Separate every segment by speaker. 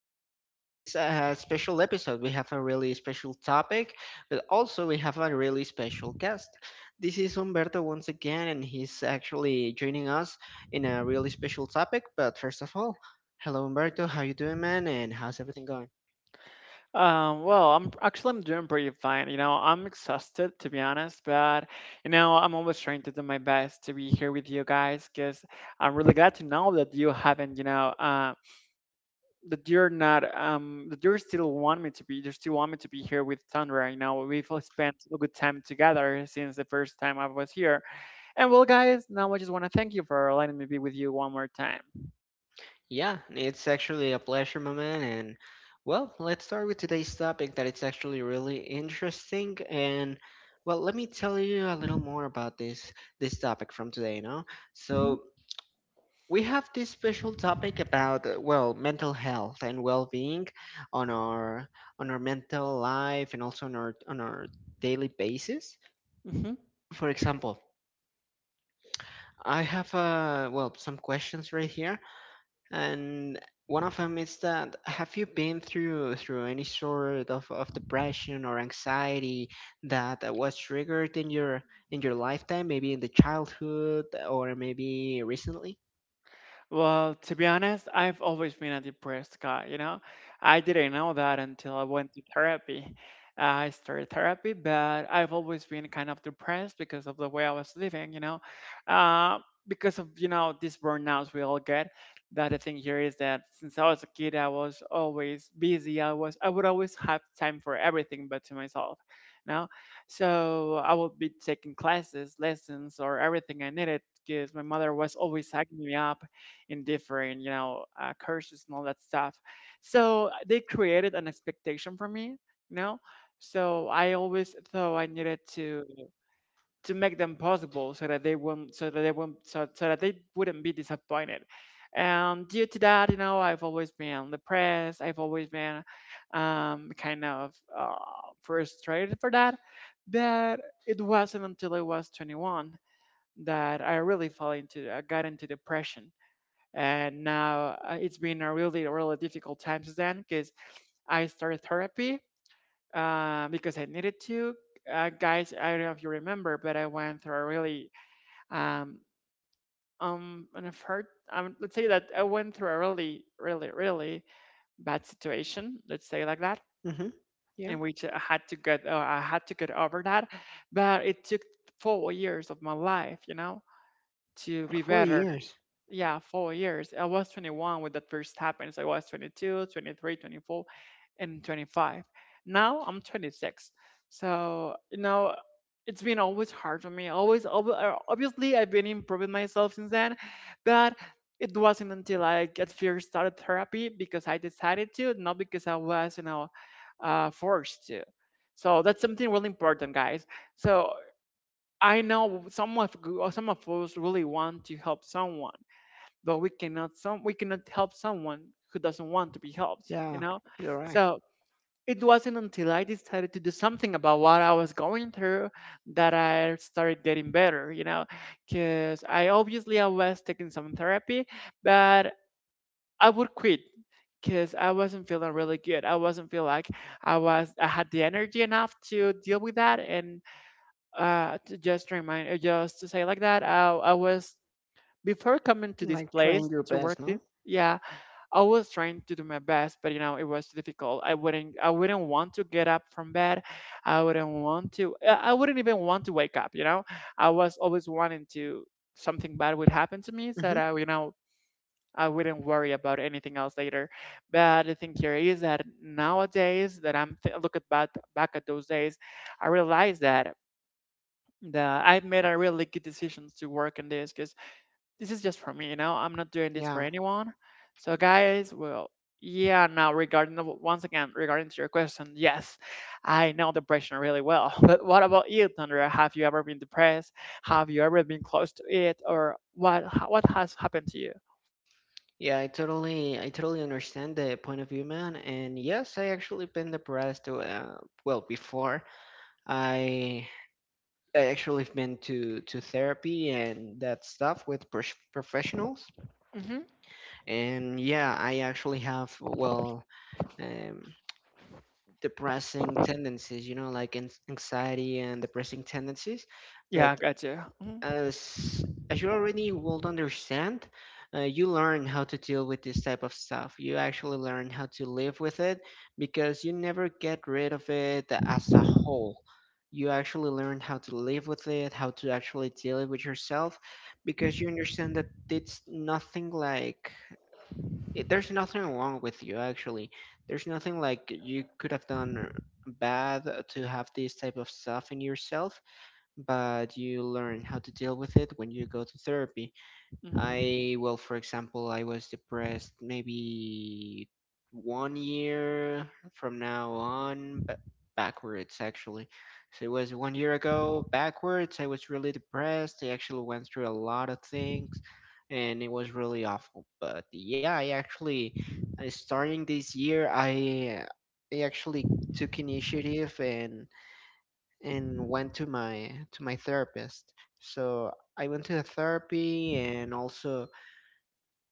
Speaker 1: podcast. This is a special episode. We have a really special topic, but also we have a really special guest. This is Humberto once again, and he's actually joining us in a really special topic. But first of all, hello, Humberto. How you doing, man? And how's everything going?
Speaker 2: Well, I'm doing pretty fine. I'm exhausted, to be honest, but I'm always trying to do my best to be here with you guys because I'm really glad to know that you haven't, that you're not, that you still want me to be, you still want me to be here with Thunder. We've all spent a good time together since the first time I was here. And well, guys, now I just want to thank you for letting me be with you one more time.
Speaker 1: Yeah, it's actually a pleasure, my man. And well, let's start with today's topic that it's actually really interesting. And well, let me tell you a little more about this topic from today, no?
Speaker 2: Hmm.
Speaker 1: So we have this special topic about well, mental health and well-being on our mental life and also on our daily basis.
Speaker 2: Hmm.
Speaker 1: For example, I have well, some questions right here, and one of them is that have you been through any sort of depression or anxiety that was triggered in your lifetime, maybe in the childhood or maybe recently?
Speaker 2: Well, to be honest, I've always been a depressed guy. I didn't know that until I went to therapy. I started therapy, but I've always been kind of depressed because of the way I was living. Uh, because of, these burnouts we all get. The other thing here is that, since I was a kid, I was always busy. I would always have time for everything but to myself, you know. So I would be taking classes, lessons, or everything I needed, because my mother was always hacking me up in different, courses and all that stuff. So they created an expectation for me, you know. So I always thought I needed to make them possible so that they won't, so that they won't, so, so that they wouldn't be disappointed. And due to that, I've always been depressed. I've always been kind of frustrated for that. But it wasn't until I was 21 that I really I got into depression, and now it's been a really, really difficult time since then, because I started therapy, because I needed to. Guys, I don't know if you remember, but I went through a really um an effort. Let's say that I went through a really, really, really bad situation, let's say like that,
Speaker 1: Mm-hmm. Yeah,
Speaker 2: in which I had to get I had to get over that, but it took 4 years of my life to be
Speaker 1: four
Speaker 2: better.
Speaker 1: years.
Speaker 2: Yeah, 4 years. I was 21 when that first happened. So I was 22, 23, 24, and 25. Now I'm 26. So, it's been always hard for me. Always, obviously, I've been improving myself since then, but it wasn't until I at first started therapy because I decided to, not because I was, forced to. So that's something really important, guys. So I know some of us really want to help someone, but we cannot help someone who doesn't want to be helped you
Speaker 1: Yeah,
Speaker 2: know
Speaker 1: you're right.
Speaker 2: So it wasn't until I decided to do something about what I was going through that I started getting better. Because I obviously I was taking some therapy, but I would quit because I wasn't feeling really good. I wasn't feel like I had the energy enough to deal with that, and to just remind, just to say like that, I was before coming to this
Speaker 1: Like
Speaker 2: place
Speaker 1: trying your
Speaker 2: to work
Speaker 1: best, no?
Speaker 2: this. Yeah, I was trying to do my best, but it was difficult. I wouldn't want to get up from bed. I wouldn't even want to wake up. I was always wanting to, something bad would happen to me so that
Speaker 1: Mm-hmm.
Speaker 2: I wouldn't worry about anything else later. But the thing here is that, nowadays that I'm th- look back at those days, I realize that I made a really good decisions to work in this, because this is just for me. I'm not doing this for
Speaker 1: Yeah.
Speaker 2: anyone. So, guys, well, yeah. Now, once again, regarding to your question, yes, I know depression really well. But what about you, Thunder? Have you ever been depressed? Have you ever been close to it, or what? What has happened to you?
Speaker 1: Yeah, I totally understand the point of view, man. And yes, I actually been depressed well, before. I I actually have been to therapy and that stuff with professionals.
Speaker 2: Hmm.
Speaker 1: And yeah, I actually have well, um, depressing tendencies, you know, like an anxiety and depressing tendencies. But
Speaker 2: Yeah, got you.
Speaker 1: as as you already will understand, you learn how to deal with this type of stuff. You actually learn how to live with it because you never get rid of it as a whole. You actually learn how to live with it, how to actually deal it with yourself, because you understand that it's nothing like it, there's nothing wrong with you actually. There's nothing like you could have done bad to have this type of stuff in yourself, but you learn how to deal with it when you go to therapy.
Speaker 2: Mm-hmm.
Speaker 1: I, well, for example, I was depressed maybe one year from now on, but backwards actually. So it was one year ago backwards. I was really depressed. I actually went through a lot of things and it was really awful. But yeah, I actually, starting this year, I actually took initiative and went to my therapist. So I went to the therapy and also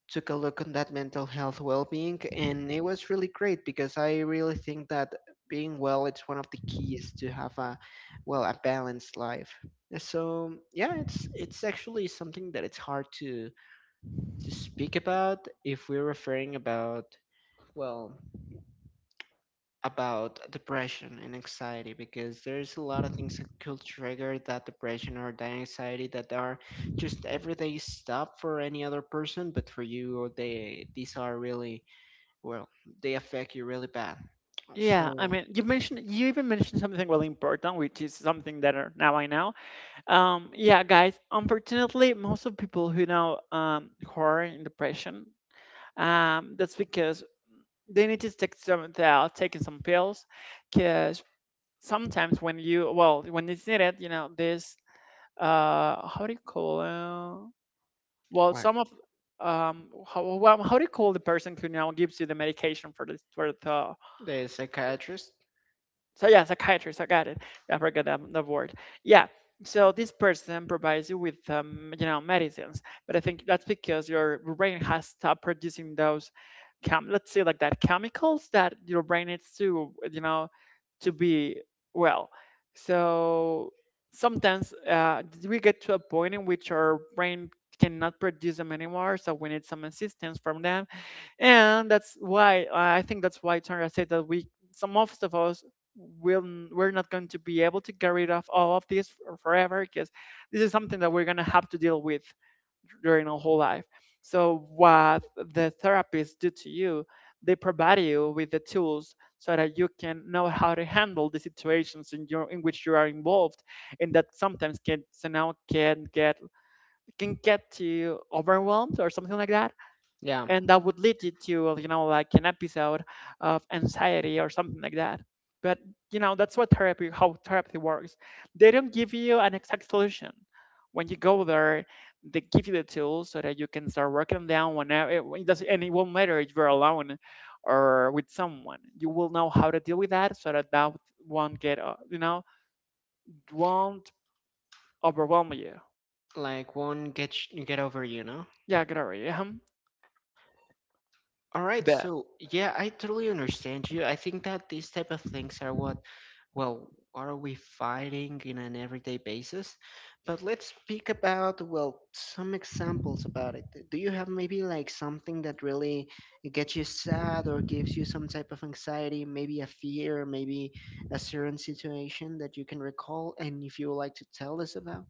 Speaker 1: took a look on that mental health well-being, and it was really great because I really think that being well, it's one of the keys to have a, well, a balanced life. So yeah, it's actually something that it's hard to speak about if we're referring about, well, about depression and anxiety, because there's a lot of things that could trigger that depression or that anxiety that are just everyday stuff for any other person, but for you, they these are really, well, they affect you really bad.
Speaker 2: Yeah, I
Speaker 1: So
Speaker 2: mean, you even mentioned something really important, which is something that are, now I know. Yeah, guys, unfortunately, most of people who are in depression, that's because they need to take some, they are taking some pills, because sometimes when you, well, when it's needed, this, how do you call, well,
Speaker 1: what
Speaker 2: some of, how, well, how do you call the person who now gives you the medication for this, for the,
Speaker 1: the psychiatrist?
Speaker 2: so yeah, psychiatrist, I got it. I forgot that word. Yeah. So this person provides you with, medicines, but I think that's because your brain has stopped producing those chem let's say like that, chemicals that your brain needs to to be well. So sometimes we get to a point in which our brain cannot produce them anymore, so we need some assistance from them. And that's why I think, that's why Tara said that we, some of us, we're not going to be able to get rid of all of this forever, because this is something that we're going to have to deal with during our whole life. So what the therapists do to you, they provide you with the tools so that you can know how to handle the situations in your in which you are involved, and that sometimes can so now can get you overwhelmed or something like that,
Speaker 1: Yeah,
Speaker 2: and that would lead you to, well, like an episode of anxiety or something like that. But that's what therapy how therapy works. They don't give you an exact solution. When you go there, they give you the tools so that you can start working down whenever it does, and it won't matter if you're alone or with someone, you will know how to deal with that so that, that won't get you know won't overwhelm you.
Speaker 1: like won't get sh- get over you, know.
Speaker 2: Yeah, glory.
Speaker 1: All right, so yeah, I totally understand you. I think that these type of things are what, well, are we fighting in an everyday basis? But let's speak about, well, some examples about it. Do you have maybe like something that really gets you sad or gives you some type of anxiety, maybe a fear, maybe a certain situation that you can recall? And if you would like to tell us about?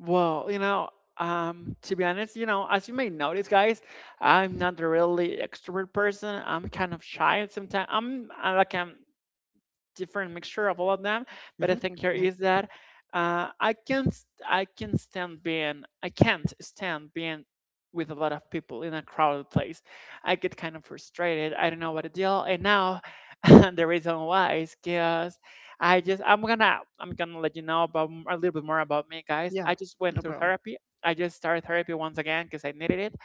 Speaker 2: Well, to be honest, as you may notice, guys, I'm not a really extrovert person. I'm kind of shy sometimes. I'm I like I'm different mixture of all of them. But I
Speaker 1: Hmm.
Speaker 2: think here
Speaker 1: Yeah,
Speaker 2: is that, uh, I can't I can't stand being with a lot of people in a crowded place. I get kind of frustrated. I don't know what to deal. And now the reason why is because I'm gonna let you know about a little bit more about me, guys.
Speaker 1: yeah,
Speaker 2: I just went
Speaker 1: no
Speaker 2: through
Speaker 1: problem.
Speaker 2: therapy. I just started therapy once again because I needed it.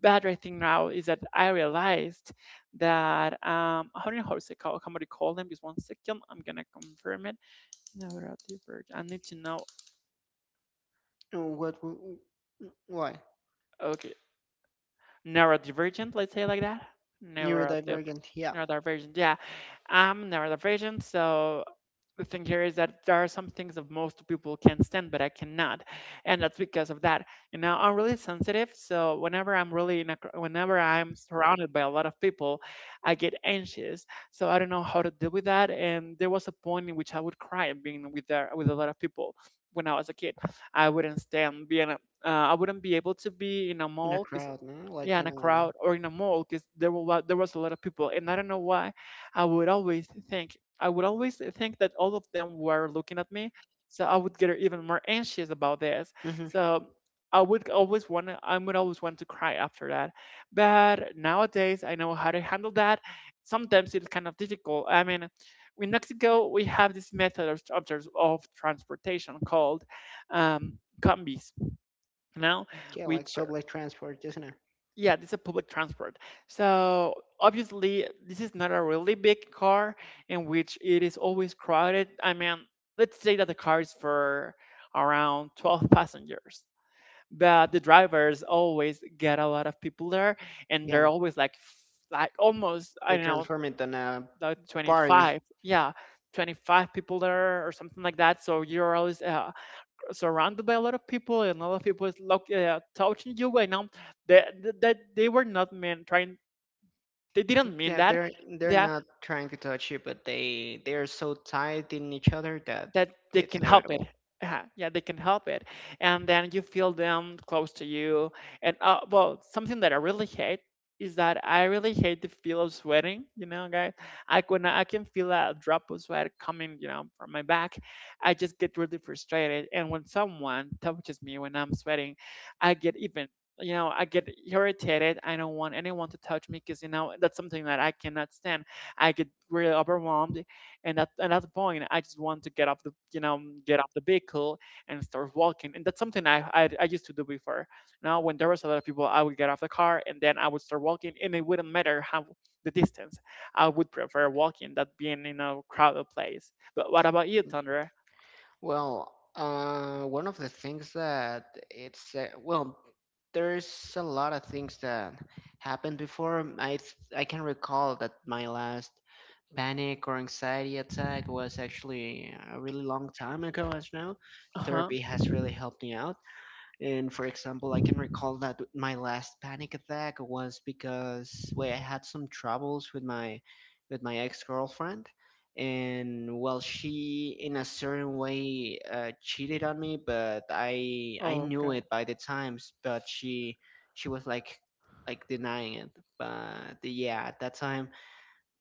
Speaker 2: Better thing now is that I realized that, I don't know how to say, call somebody, called them. Just one second, I'm gonna confirm it. Neurodivergent. I need to know.
Speaker 1: What, why?
Speaker 2: Okay, neurodivergent. Let's say like that. Neurodiver-
Speaker 1: Neurodivergent, yeah.
Speaker 2: Neurodivergent. Yeah, I'm neurodivergent, so the thing here is that there are some things that most people can stand, but I cannot, and that's because of that. You know, I'm really sensitive, so whenever I'm really whenever I'm surrounded by a lot of people, I get anxious. So I don't know how to deal with that. And there was a point in which I would cry being with a lot of people when I was a kid. I wouldn't stand I wouldn't be able to be in a
Speaker 1: In a
Speaker 2: mall,
Speaker 1: crowd, no? Like
Speaker 2: yeah, in a
Speaker 1: in a,
Speaker 2: crowd or in a mall, because there was a lot of people, and I don't know why. I would always think I would always think that all of them were looking at me, so I would get even more anxious about this.
Speaker 1: hmm,
Speaker 2: So I would always want to cry after that. But nowadays, I know how to handle that. Sometimes it's kind of difficult. I mean, in Mexico, we have this method of transportation called combis, you know,
Speaker 1: yeah, like
Speaker 2: which
Speaker 1: public transport, isn't it?
Speaker 2: yeah, this is public transport. So, obviously, this is not a really big car, in which it is always crowded. I mean, let's say that the car is for around 12 passengers, but the drivers always get a lot of people there, and they're
Speaker 1: Yeah,
Speaker 2: always like almost, I
Speaker 1: they
Speaker 2: don't know,
Speaker 1: transform it in a
Speaker 2: like
Speaker 1: party.
Speaker 2: 25. Yeah, 25 people there or something like that. So you're always surrounded by a lot of people, and a lot of people is touching you right now, that, that they were not meant trying they didn't mean
Speaker 1: Yeah, they're
Speaker 2: they
Speaker 1: they're not trying to touch you, but they are so tied in each other that
Speaker 2: that they
Speaker 1: it's
Speaker 2: can help it.
Speaker 1: inevitable.
Speaker 2: Yeah, yeah, they can help it, and then you feel them close to you. And well, something that I really hate is that I really hate the feel of sweating. You know, guys, I can feel a drop of sweat coming, from my back. I just get really frustrated, and when someone touches me when I'm sweating, I get even. You know, I get irritated. I don't want anyone to touch me, because that's something that I cannot stand. I get really overwhelmed, and and at that point, I just want to get off the vehicle and start walking. And that's something I used to do before. Now, when there was a lot of people, I would get off the car and then I would start walking, and it wouldn't matter how the distance. I would prefer walking than being in a crowded place. But what about you, Thunder?
Speaker 1: Well, one of the things that it's, well, there's a lot of things that happened before. I can recall that my last panic or anxiety attack was actually a really long time ago. As now,
Speaker 2: Uh-huh.
Speaker 1: therapy has really helped me out. And for example, I can recall that my last panic attack was because, well, I had some troubles with my ex-girlfriend, and well, she in a certain way cheated on me, but I
Speaker 2: Oh
Speaker 1: knew
Speaker 2: god.
Speaker 1: it by the times, but she was like denying it. But yeah, at that time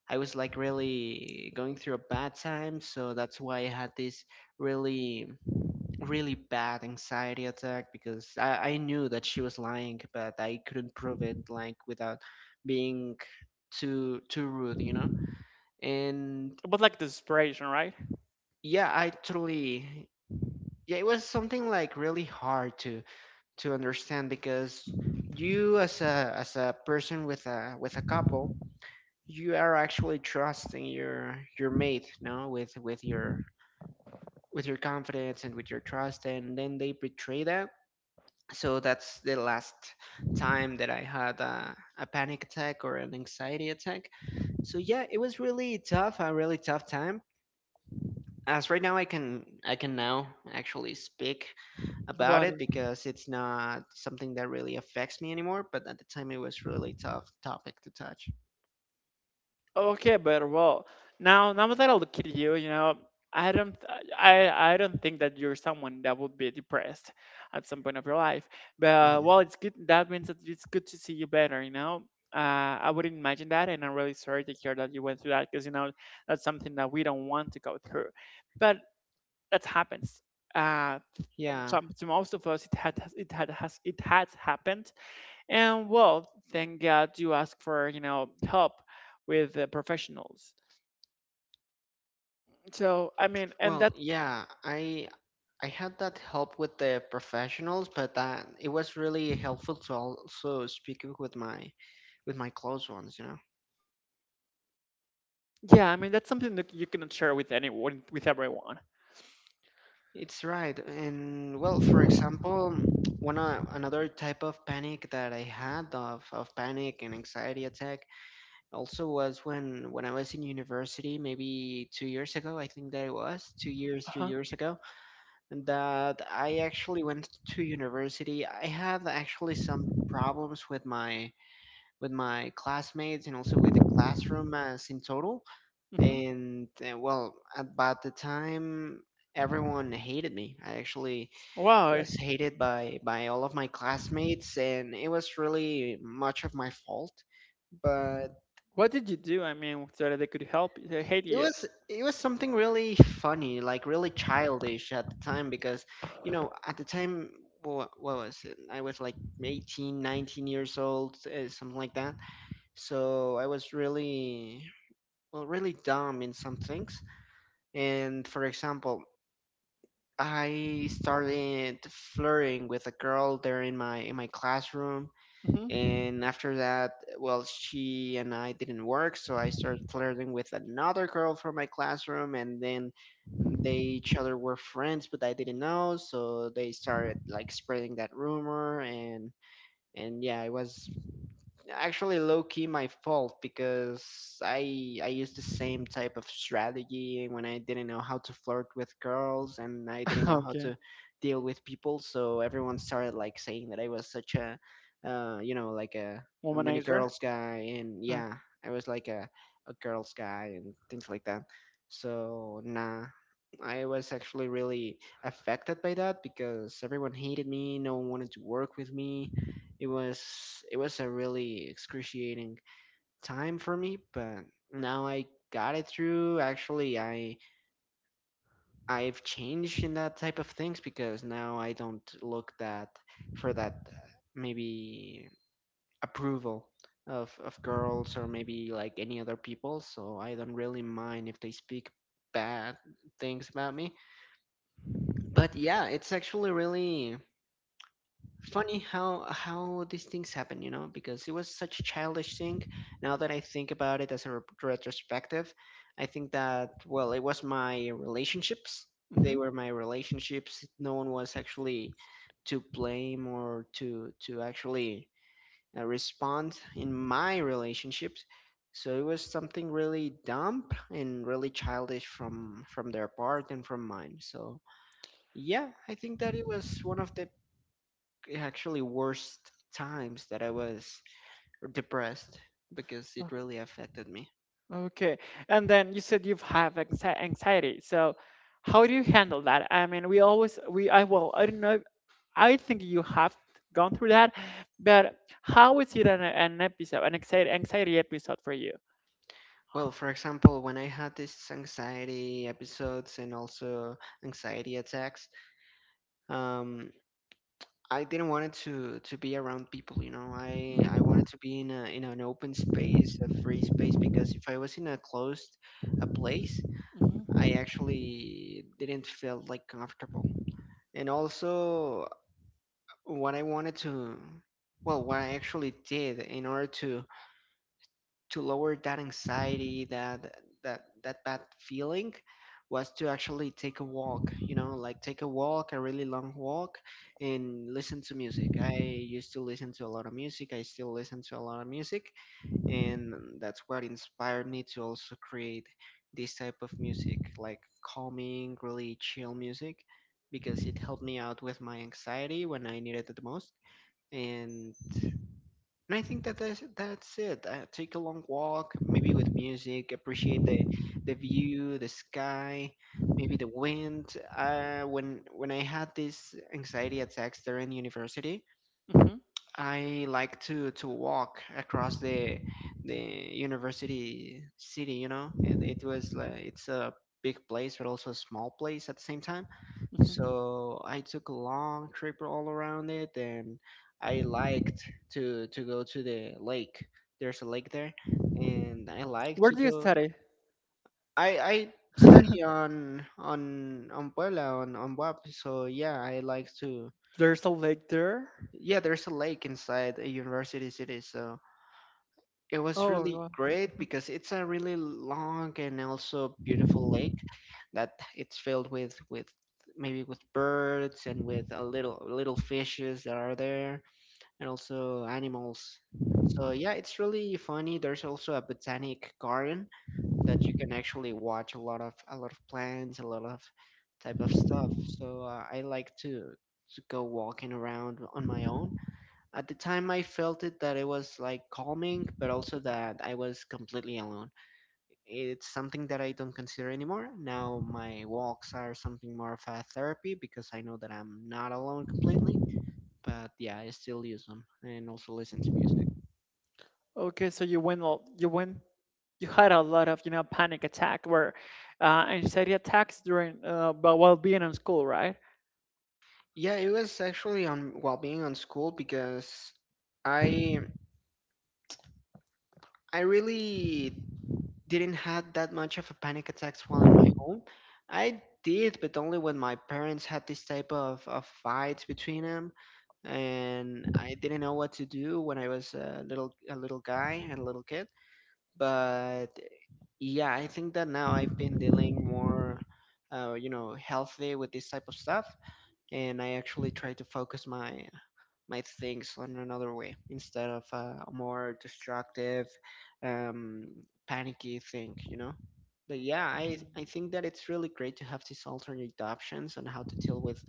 Speaker 1: I was like really going through a bad time, so that's why I had this really really bad anxiety attack because I knew that she was lying, but I couldn't prove it like without being too rude, you know? And
Speaker 2: It was like desperation, right?
Speaker 1: yeah, it was something like really hard to understand because you as a person with a, with a couple, you are actually trusting your mate, no, with your confidence and with your trust, and then they betray that. So that's the last time that I had a panic attack or an anxiety attack. So yeah, it was really tough, a really tough time, as right now I can now actually speak about
Speaker 2: About.
Speaker 1: it because it's not something that really affects me anymore, but at the time it was really tough topic to touch.
Speaker 2: Okay, but well, now that I look at you, I don't, I don't think that you're someone that would be depressed at some point of your life. But
Speaker 1: Mhm.
Speaker 2: well, it's good. That means that it's good to see you better. You know, I wouldn't imagine that, and I'm really sorry to hear that you went through that, because that's something that we don't want to go through. But that happens. Uh,
Speaker 1: Yeah.
Speaker 2: some, to most of us, it has happened. And well, thank God you asked for help with professionals. So I mean, and
Speaker 1: Well,
Speaker 2: that.
Speaker 1: yeah, I had that help with the professionals, but that it was really helpful to also speaking with my close ones, you know.
Speaker 2: Yeah, I mean that's something that you cannot share with anyone, with everyone.
Speaker 1: It's right. And well, for example, one, another type of panic that I had of panic and anxiety attack also was when I was in university, maybe 2 years ago, I think that it was 2 years,
Speaker 2: Uh
Speaker 1: three
Speaker 2: huh.
Speaker 1: years ago. That I actually went to university. I had actually some problems with my classmates and also with the classroom as in total.
Speaker 2: Mm-hmm.
Speaker 1: And well, about the time everyone hated me. I actually
Speaker 2: Why?
Speaker 1: was hated by all of my classmates, and it was really much of my fault. But
Speaker 2: What did you do? I mean, so that they could help you, they hate
Speaker 1: it
Speaker 2: you.
Speaker 1: was it was something really funny, like really childish at the time, because you know, at the time, what was it, I was like 18, 19 years old, something like that. So I was really, well, really dumb in some things. And for example, I started flirting with a girl there in my classroom,
Speaker 2: Mm-hmm.
Speaker 1: and after that, well, she and I didn't work, so I started flirting with another girl from my classroom, and then they each other were friends, but I didn't know, so they started like spreading that rumor. And yeah, it was actually low key my fault, because I used the same type of strategy when I didn't know how to flirt with girls and I didn't know how
Speaker 2: Okay.
Speaker 1: to deal with people. So everyone started like saying that I was such a, you know, like a mini
Speaker 2: Womanizer.
Speaker 1: girls guy, and
Speaker 2: Uh,
Speaker 1: yeah, I was like a girls guy and things like that. So nah. I was actually really affected by that, because everyone hated me, no one wanted to work with me. It was a really excruciating time for me, but now I got it through. Actually, I've changed in that type of things, because now I don't look that for that maybe approval of girls or maybe like any other people, so I don't really mind if they speak bad things about me. But yeah, it's actually really funny how these things happen, you know, because it was such a childish thing. Now that I think about it as a retrospective, I think that, well, it was my relationships. They
Speaker 2: mm-hmm.
Speaker 1: were my relationships. No one was actually to blame or to actually respond in my relationships. So it was something really dumb and really childish from their part and from mine. So yeah, I think that it was one of the actually worst times that I was depressed, because
Speaker 2: Uh,
Speaker 1: it really affected me.
Speaker 2: Okay. And then you said you've have anxiety. So how do you handle that? I mean, we always we, I, well, I don't know, I think you have gone through that. But how is it an episode, an anxiety episode for you?
Speaker 1: Well, for example, when I had these anxiety episodes and also anxiety attacks, um, I didn't want it to be around people. You know, I
Speaker 2: Mhm,
Speaker 1: wanted to be in a, in an open space, a free space, because if I was in a closed a place, I actually didn't feel like comfortable. And also, what I wanted to, well, what I actually did in order to lower that anxiety, that that bad feeling, was to actually take a walk. You know, like take a walk, a really long walk, and listen to music. I used to listen to a lot of music. I still listen to a lot of music, and that's what inspired me to also create this type of music, like calming, really chill music. Because it helped me out with my anxiety when I needed it the most. And and I think that that's it. Take a long walk, maybe with music, appreciate the view, the sky, maybe the wind. When I had these anxiety attacks there in university,
Speaker 2: mhm, mhm,
Speaker 1: I like to walk across the university city, you know. And it was like it's a big place but also a small place at the same time.
Speaker 2: mhm.
Speaker 1: So I took a long trip all around it and I liked to go to the lake. There's a lake there and I like
Speaker 2: Where
Speaker 1: to
Speaker 2: do you
Speaker 1: go
Speaker 2: study?
Speaker 1: I study on Puebla on WAP, so yeah, I like to
Speaker 2: There's a lake there.
Speaker 1: yeah, there's a lake inside a university city, so it was
Speaker 2: Oh,
Speaker 1: really
Speaker 2: wow.
Speaker 1: great
Speaker 2: Mhm.
Speaker 1: because it's a really long and also beautiful lake that it's filled with maybe with birds and with a little fishes that are there and also animals. So yeah, it's really funny. There's also a botanic garden that you can actually watch a lot of plants, a lot of type of stuff. So I like to go walking around on my own. At the time, I felt it that it was like calming, but also that I was completely alone. It's something that I don't consider anymore. Now my walks are something more of a therapy because I know that I'm not alone completely. But yeah, I still use them and also listen to music.
Speaker 2: Okay. So you went, you had a lot of, panic attack, where anxiety attacks during, but while being in school, right?
Speaker 1: Yeah, it was actually on while being on school because I I really didn't had that much of a panic attacks while in my home. I did, but only when my parents had this type of fights between them, and I didn't know what to do when I was a little guy and a little kid. But yeah, I think that now I've been dealing more, you know, healthy with this type of stuff, and I actually try to focus my my things on another way instead of a, more destructive, um, panicky thing, you know? But yeah, I,
Speaker 2: Mhm.
Speaker 1: I think that it's really great to have these alternate options on how to deal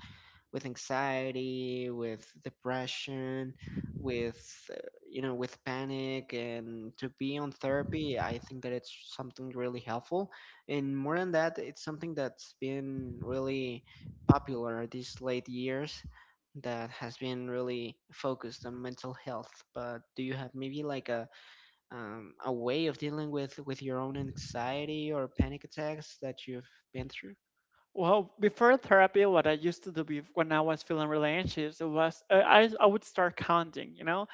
Speaker 1: with anxiety, with depression, with uh, you know, with panic, and to be on therapy, I think that it's something really helpful. And more than that, it's something that's been really popular these late years that has been really focused on mental health. But do you have maybe like a way of dealing with your own anxiety or panic attacks that you've been through?
Speaker 2: Well, before therapy, what I used to do when I was feeling really anxious, it was I would start counting,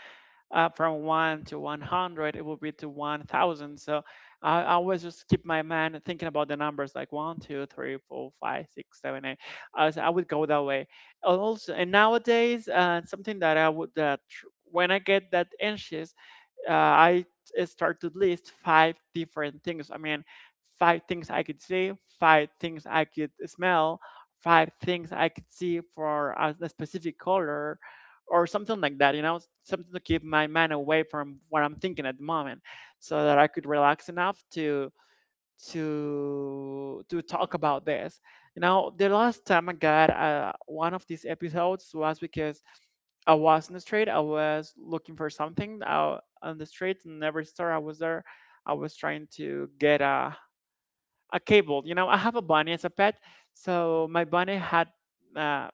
Speaker 2: from one to 100, it would be to 1,000. So I always just keep my mind thinking about the numbers like one, two, three, four, five, six, seven, eight. So I would go that way. And also, and nowadays, something that I would, when I get that anxious, I start to list five different things. I mean, five things I could see, five things I could smell, five things I could see for a specific color, or something like that. You know, something to keep my mind away from what I'm thinking at the moment, so that I could relax enough to talk about this. You know, the last time I got one of these episodes was because I was in the street. I was looking for something out on the street, and every store I was there, I was trying to get a cable. You know, I have a bunny as a pet, so my bunny had uh,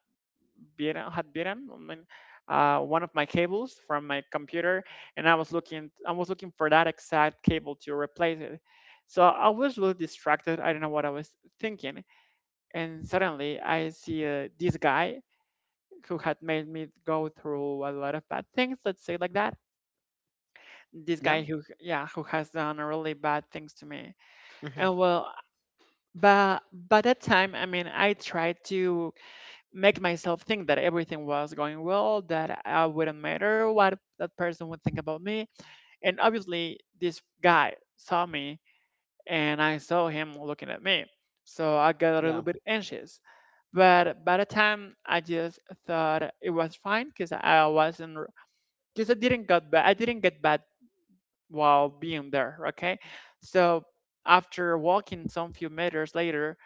Speaker 2: beaten had bitten, I mean, one of my cables from my computer. And I was looking for that exact cable to replace it. So I was really distracted. I don't know what I was thinking, and suddenly I see this guy who had made me go through a lot of bad things, let's say like that, this
Speaker 1: Yeah.
Speaker 2: guy who, yeah, who has done really bad things to me.
Speaker 1: Hmm.
Speaker 2: And well, but by that time, I mean, I tried to make myself think that everything was going well, that I wouldn't matter what that person would think about me. And obviously this guy saw me, and I saw him looking at me, so I got a little
Speaker 1: Yeah.
Speaker 2: bit anxious. But by the time, I just thought it was fine, because I wasn't, because I didn't got bad, I didn't get bad while being there. Okay, so after walking some few meters later,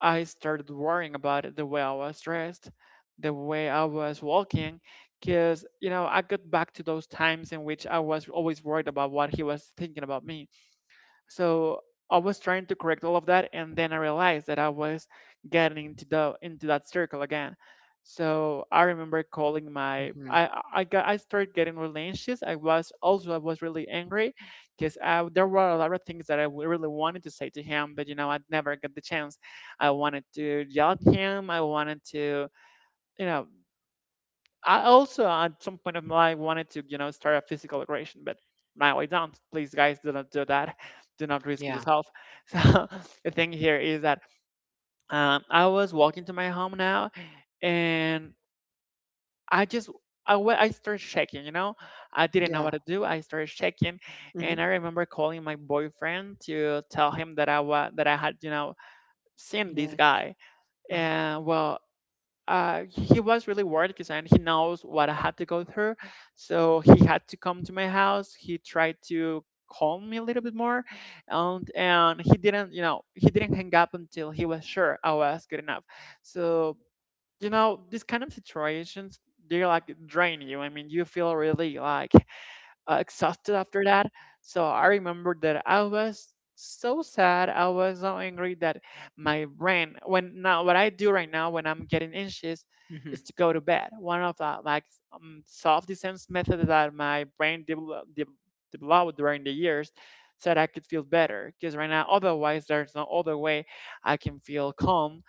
Speaker 2: I started worrying about it, the way I was dressed, the way I was walking, because I got back to those times in which I was always worried about what he was thinking about me. So I was trying to correct all of that, and then I realized that I was getting into that circle again. So I remember calling my,
Speaker 1: Hmm.
Speaker 2: I got, I started getting really anxious. I was also, I was really angry, because I there were a lot of things that really wanted to say to him, but I never got the chance. I wanted to yell at him. I wanted to you know I also at some point of my life wanted to, start a physical aggression. But now I don't. Please, guys, do not do that. Do not risk
Speaker 1: Yeah.
Speaker 2: yourself. So the thing here is that, I was walking to my home now, and I just I started shaking. You know, I didn't know
Speaker 1: Yeah.
Speaker 2: what to do. I started shaking,
Speaker 1: Mm-hmm.
Speaker 2: and I remember calling my boyfriend to tell him that I was that I had, seen this
Speaker 1: Like,
Speaker 2: guy.
Speaker 1: uh-huh.
Speaker 2: And well, he was really worried, because he knows what I had to go through. So he had to come to my house. He tried to calm me a little bit more, and he didn't, hang up until he was sure I was good enough. So these kind of situations, they like drain you. I mean, you feel really like exhausted after that. So I remember that I was so sad, I was so angry, that my brain when now what I do right now when I'm getting anxious
Speaker 1: Mm-hmm.
Speaker 2: is to go to bed. One of the, like, self defense methods that my brain developed during the years, so that I could feel better. Because right now, otherwise, there's no other way I can feel calm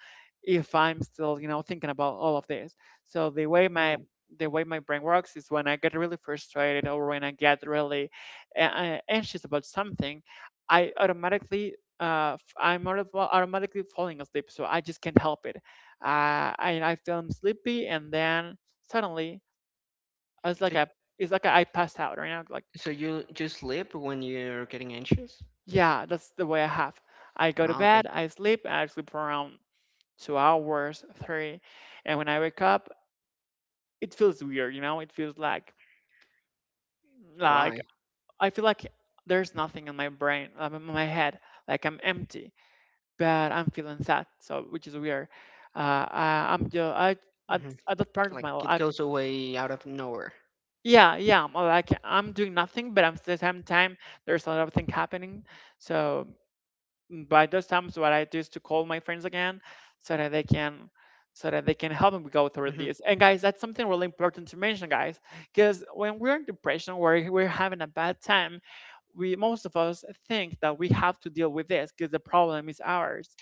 Speaker 2: if I'm still, thinking about all of this. So
Speaker 1: No.
Speaker 2: the way my brain works is when I get really frustrated, or when I get really anxious about something, I automatically, well, automatically falling asleep, so I just can't help it. And I feel I'm sleepy, and then suddenly it's like
Speaker 1: So,
Speaker 2: I it's like I passed out right now. Like,
Speaker 1: so you just sleep when you're getting anxious?
Speaker 2: yeah, that's the way I have. I go to
Speaker 1: Oh,
Speaker 2: bed,
Speaker 1: okay.
Speaker 2: I sleep, and I sleep for around 2 hours, three. And when I wake up, it feels weird. You know, it feels like, like
Speaker 1: Why?
Speaker 2: I feel like there's nothing in my brain, in my head. Like I'm empty, but I'm feeling sad. So, which is weird. I'm just at,
Speaker 1: Mm-hmm.
Speaker 2: at that part of
Speaker 1: Like
Speaker 2: my
Speaker 1: it
Speaker 2: life.
Speaker 1: goes away out of nowhere.
Speaker 2: Yeah, yeah. I'm like I'm doing nothing, but I'm at the same time there's a lot of things happening. So, by those times, what I do is to call my friends again, so that they can help me go through
Speaker 1: Mm-hmm.
Speaker 2: this. And guys, that's something really important to mention, guys, because when we're in depression, we're having a bad time. We Most of us think that we have to deal with this because the problem is ours.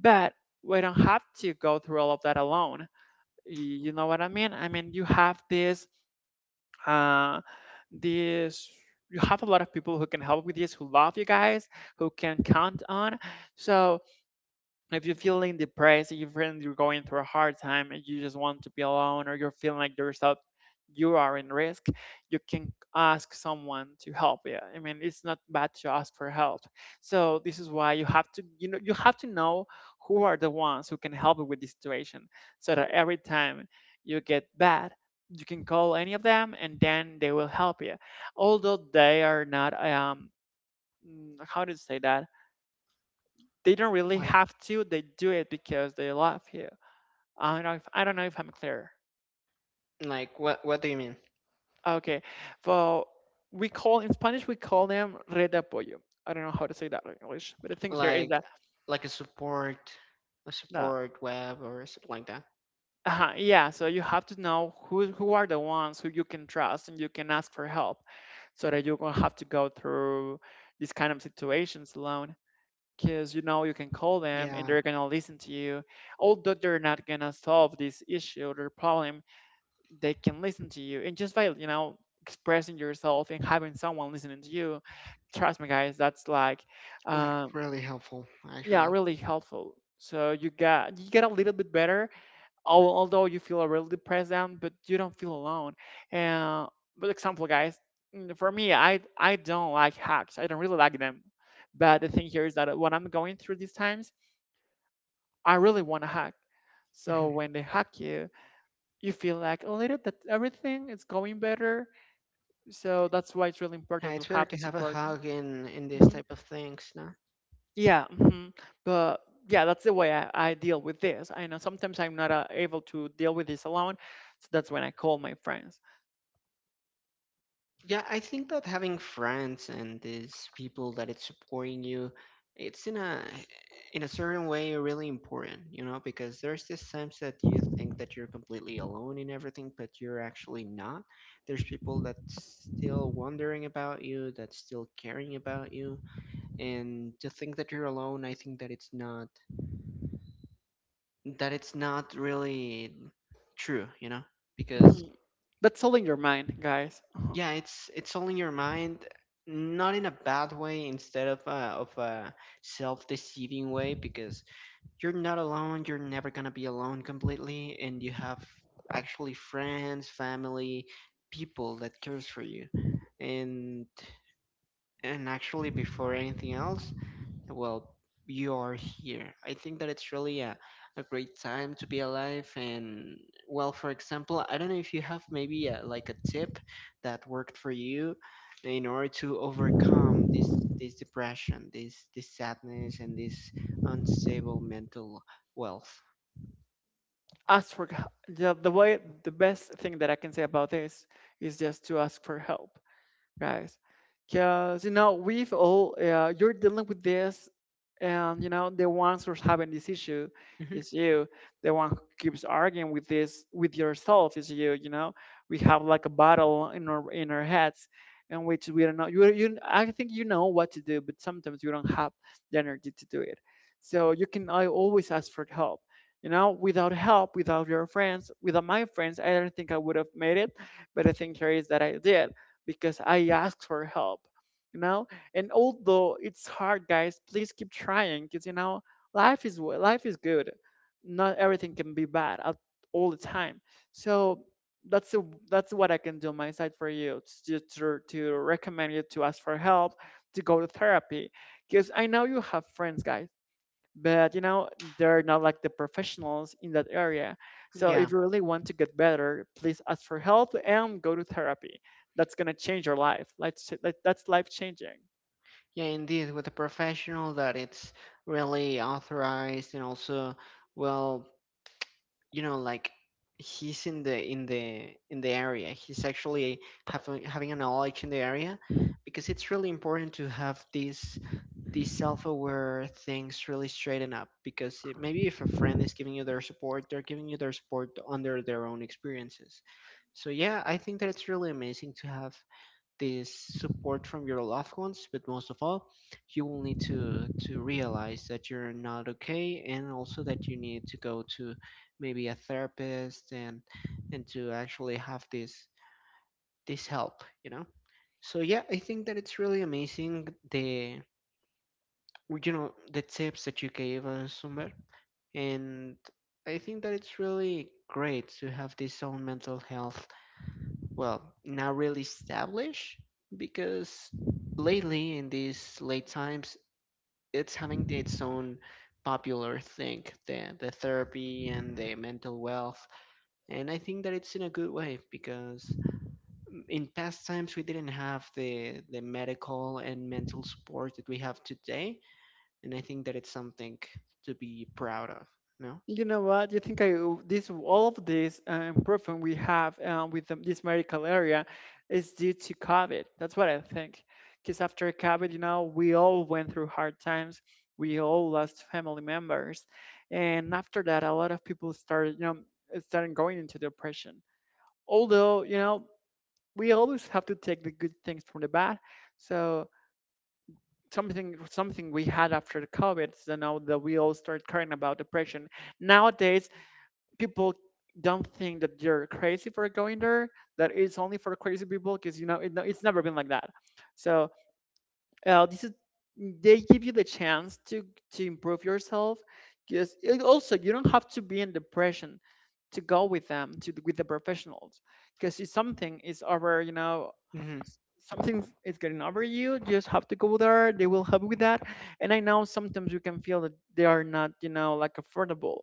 Speaker 2: But we don't have to go through all of that alone. You know what I mean? I mean, you have this, uh this, you have a lot of people who can help with this, who love you guys, who can count on. So if you're feeling depressed, if you're feeling you're going through a hard time and you just want to be alone, or you're feeling like yourself, you are in risk, you can ask someone to help you. I mean, it's not bad to ask for help. So this is why you have to know who are the ones who can help you with this situation, so that every time you get bad. You can call any of them, and then they will help you. Although they are not, how do you say that? They don't really
Speaker 1: Why?
Speaker 2: have to, they do it because they love you. I don't know if I'm clear.
Speaker 1: Like what? What do you mean?
Speaker 2: Okay, so we call, in Spanish we call them red de apoyo. I don't know how to say that in English, but the thing here is
Speaker 1: Like,
Speaker 2: that
Speaker 1: like a
Speaker 2: uh,
Speaker 1: support web or something like that?
Speaker 2: yeah, so you have to know who are the ones who you can trust and you can ask for help, so that you won't have to go through these kind of situations alone, because you know you can call them and
Speaker 1: Yeah.
Speaker 2: they're gonna listen to you. Although they're not gonna solve this issue or problem, they can listen to you, and just by expressing yourself and having someone listening to you, trust me guys, that's like
Speaker 1: Like
Speaker 2: um
Speaker 1: really helpful,
Speaker 2: yeah,
Speaker 1: actually.
Speaker 2: really helpful. So you got you get a little bit better, although you feel really depressed down, but you don't feel alone. And but, example guys, for me, I don't like hacks, I don't really like them. But the thing here is that when I'm going through these times, I really want to hack.
Speaker 1: Mm-hmm.
Speaker 2: So when they hack you, you feel like a little that everything is going better. So that's why it's really important to
Speaker 1: It's better
Speaker 2: have the
Speaker 1: to have a
Speaker 2: support.
Speaker 1: hug in these
Speaker 2: hmm
Speaker 1: type of things, no?
Speaker 2: yeah. Hmm. But yeah, that's the way I deal with this. I know sometimes I'm not able to deal with this alone, so that's when I call my friends.
Speaker 1: Yeah, I think that having friends and these people that it's supporting you, it's in a certain way really important, you know, because there's this times that you think that you're completely alone in everything, but you're actually not. There's people that's still wondering about you, that's still caring about you, and to think that you're alone, I think that it's not really true, you know, because
Speaker 2: Mhm. That's all in your mind, guys. Uh-huh.
Speaker 1: yeah, it's all in your mind, not in a bad way instead of a self-deceiving way because you're not alone, you're never going to be alone completely and you have actually friends, family, people that cares for you, and and actually before anything else, well, you are here. I think that it's really a great time to be alive. And well, for example, I don't know if you have maybe a, like a tip that worked for you in order to overcome this this depression, this sadness, and this unstable mental wealth.
Speaker 2: Ask for h- the way, the best thing that I can say about this is just to ask for help, guys. Because, you know, you're dealing with this, and, you know, the ones who's having this issue is
Speaker 1: Hmm.
Speaker 2: you. The one who keeps arguing with this, with yourself is you, you know. We have like a battle in our heads, in which we don't know. You, I think you know what to do, but sometimes you don't have the energy to do it. So you can I always ask for help. You know, without help, without your friends, without my friends, I don't think I would have made it. But the thing here is that I did, because I asked for help, you know. And although it's hard, guys, please keep trying, because you know life is good. Not everything can be bad at all the time. So that's the that's what I can do on my side for you, to to recommend you to ask for help, to go to therapy, because I know you have friends, guys, but you know they're not like the professionals in that area. So
Speaker 1: Yeah,
Speaker 2: if you really want to get better, please ask for help and go to therapy. That's going to change your life. That's life changing.
Speaker 1: yeah, indeed, with a professional that it's really authorized and also well you know like he's in the in the in the area he's actually having having a knowledge in the area because it's really important to have these self-aware things really straighten up because it, maybe if a friend is giving you their support they're giving you their support under their own experiences, so yeah, I think that it's really amazing to have this support from your loved ones, but most of all, you will need to realize that you're not okay, and also that you need to go to maybe a therapist and to actually have this this help, you know. So yeah, I think that it's really amazing the you know the tips that you gave us, Sumber, and I think that it's really great to have this own mental health, well, not really established because lately in these late times, it's having its own popular thing, the therapy and the mental wealth. And I think that it's in a good way because in past times we didn't have the medical and mental support that we have today. And I think that it's something to be proud of, no?
Speaker 2: You know what you think, I, this, all of this improvement we have with the, this medical area is due to COVID. That's what I think. Because after COVID, you know, we all went through hard times, we all lost family members, and after that a lot of people started, you know, started going into depression. Although, you know, we always have to take the good things from the bad. So something we had after the COVID, you know, that we all start caring about depression. Nowadays people don't think that you're crazy for going there, that it's only for crazy people, because you know it, no, it's never been like that. So this is they give you the chance to improve yourself, because it also, you don't have to be in depression to go with them, to with the professionals, because it's something is over, you know,
Speaker 1: Mhm.
Speaker 2: something is getting over you. Just have to go there, they will help with that. And I know sometimes you can feel that they are not, you know, like affordable,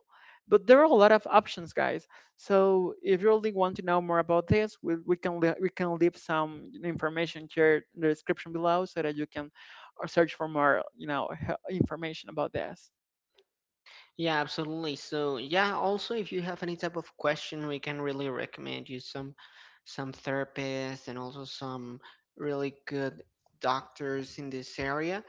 Speaker 2: but there are a lot of options, guys. So if you really want to know more about this, we can leave some information here in the description below, so that you can search for more, you know, information about this.
Speaker 1: Yeah, absolutely. So, yeah, also if you have any type of question, we can really recommend you some therapists and also some really good doctors in this area.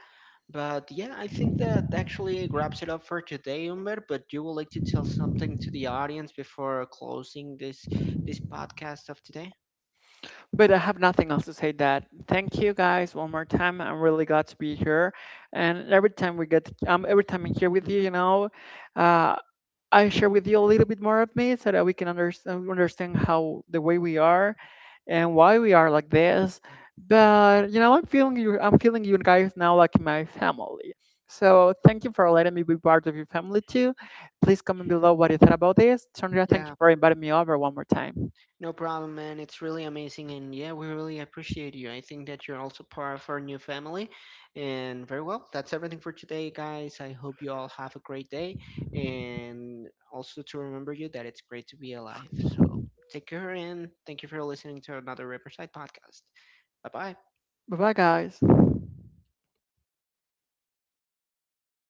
Speaker 1: But yeah, I think that actually wraps it up for today, Umber. But you would like to tell something to the audience before closing this this podcast of today?
Speaker 2: But I have nothing else to say, that thank you guys one more time, I'm really glad to be here. And every time I'm here with you, you
Speaker 1: Hmm.
Speaker 2: know, uh, I share with you a little bit more of me, so that we can understand how, the way we are and why we are like this. But you know, I'm feeling you. I'm feeling you guys now like my family. So thank you for letting me be part of your family too. Please comment below what you thought about this. Sandra, thank you
Speaker 1: Yeah,
Speaker 2: for inviting me over one more time.
Speaker 1: no problem, man. It's really amazing. And yeah, we really appreciate you. I think that you're also part of our new family. And very well, that's everything for today, guys. I hope you all have a great day. And also to remember you that it's great to be alive. So take care and thank you for listening to another Riverside podcast. Bye bye.
Speaker 2: Bye bye, guys.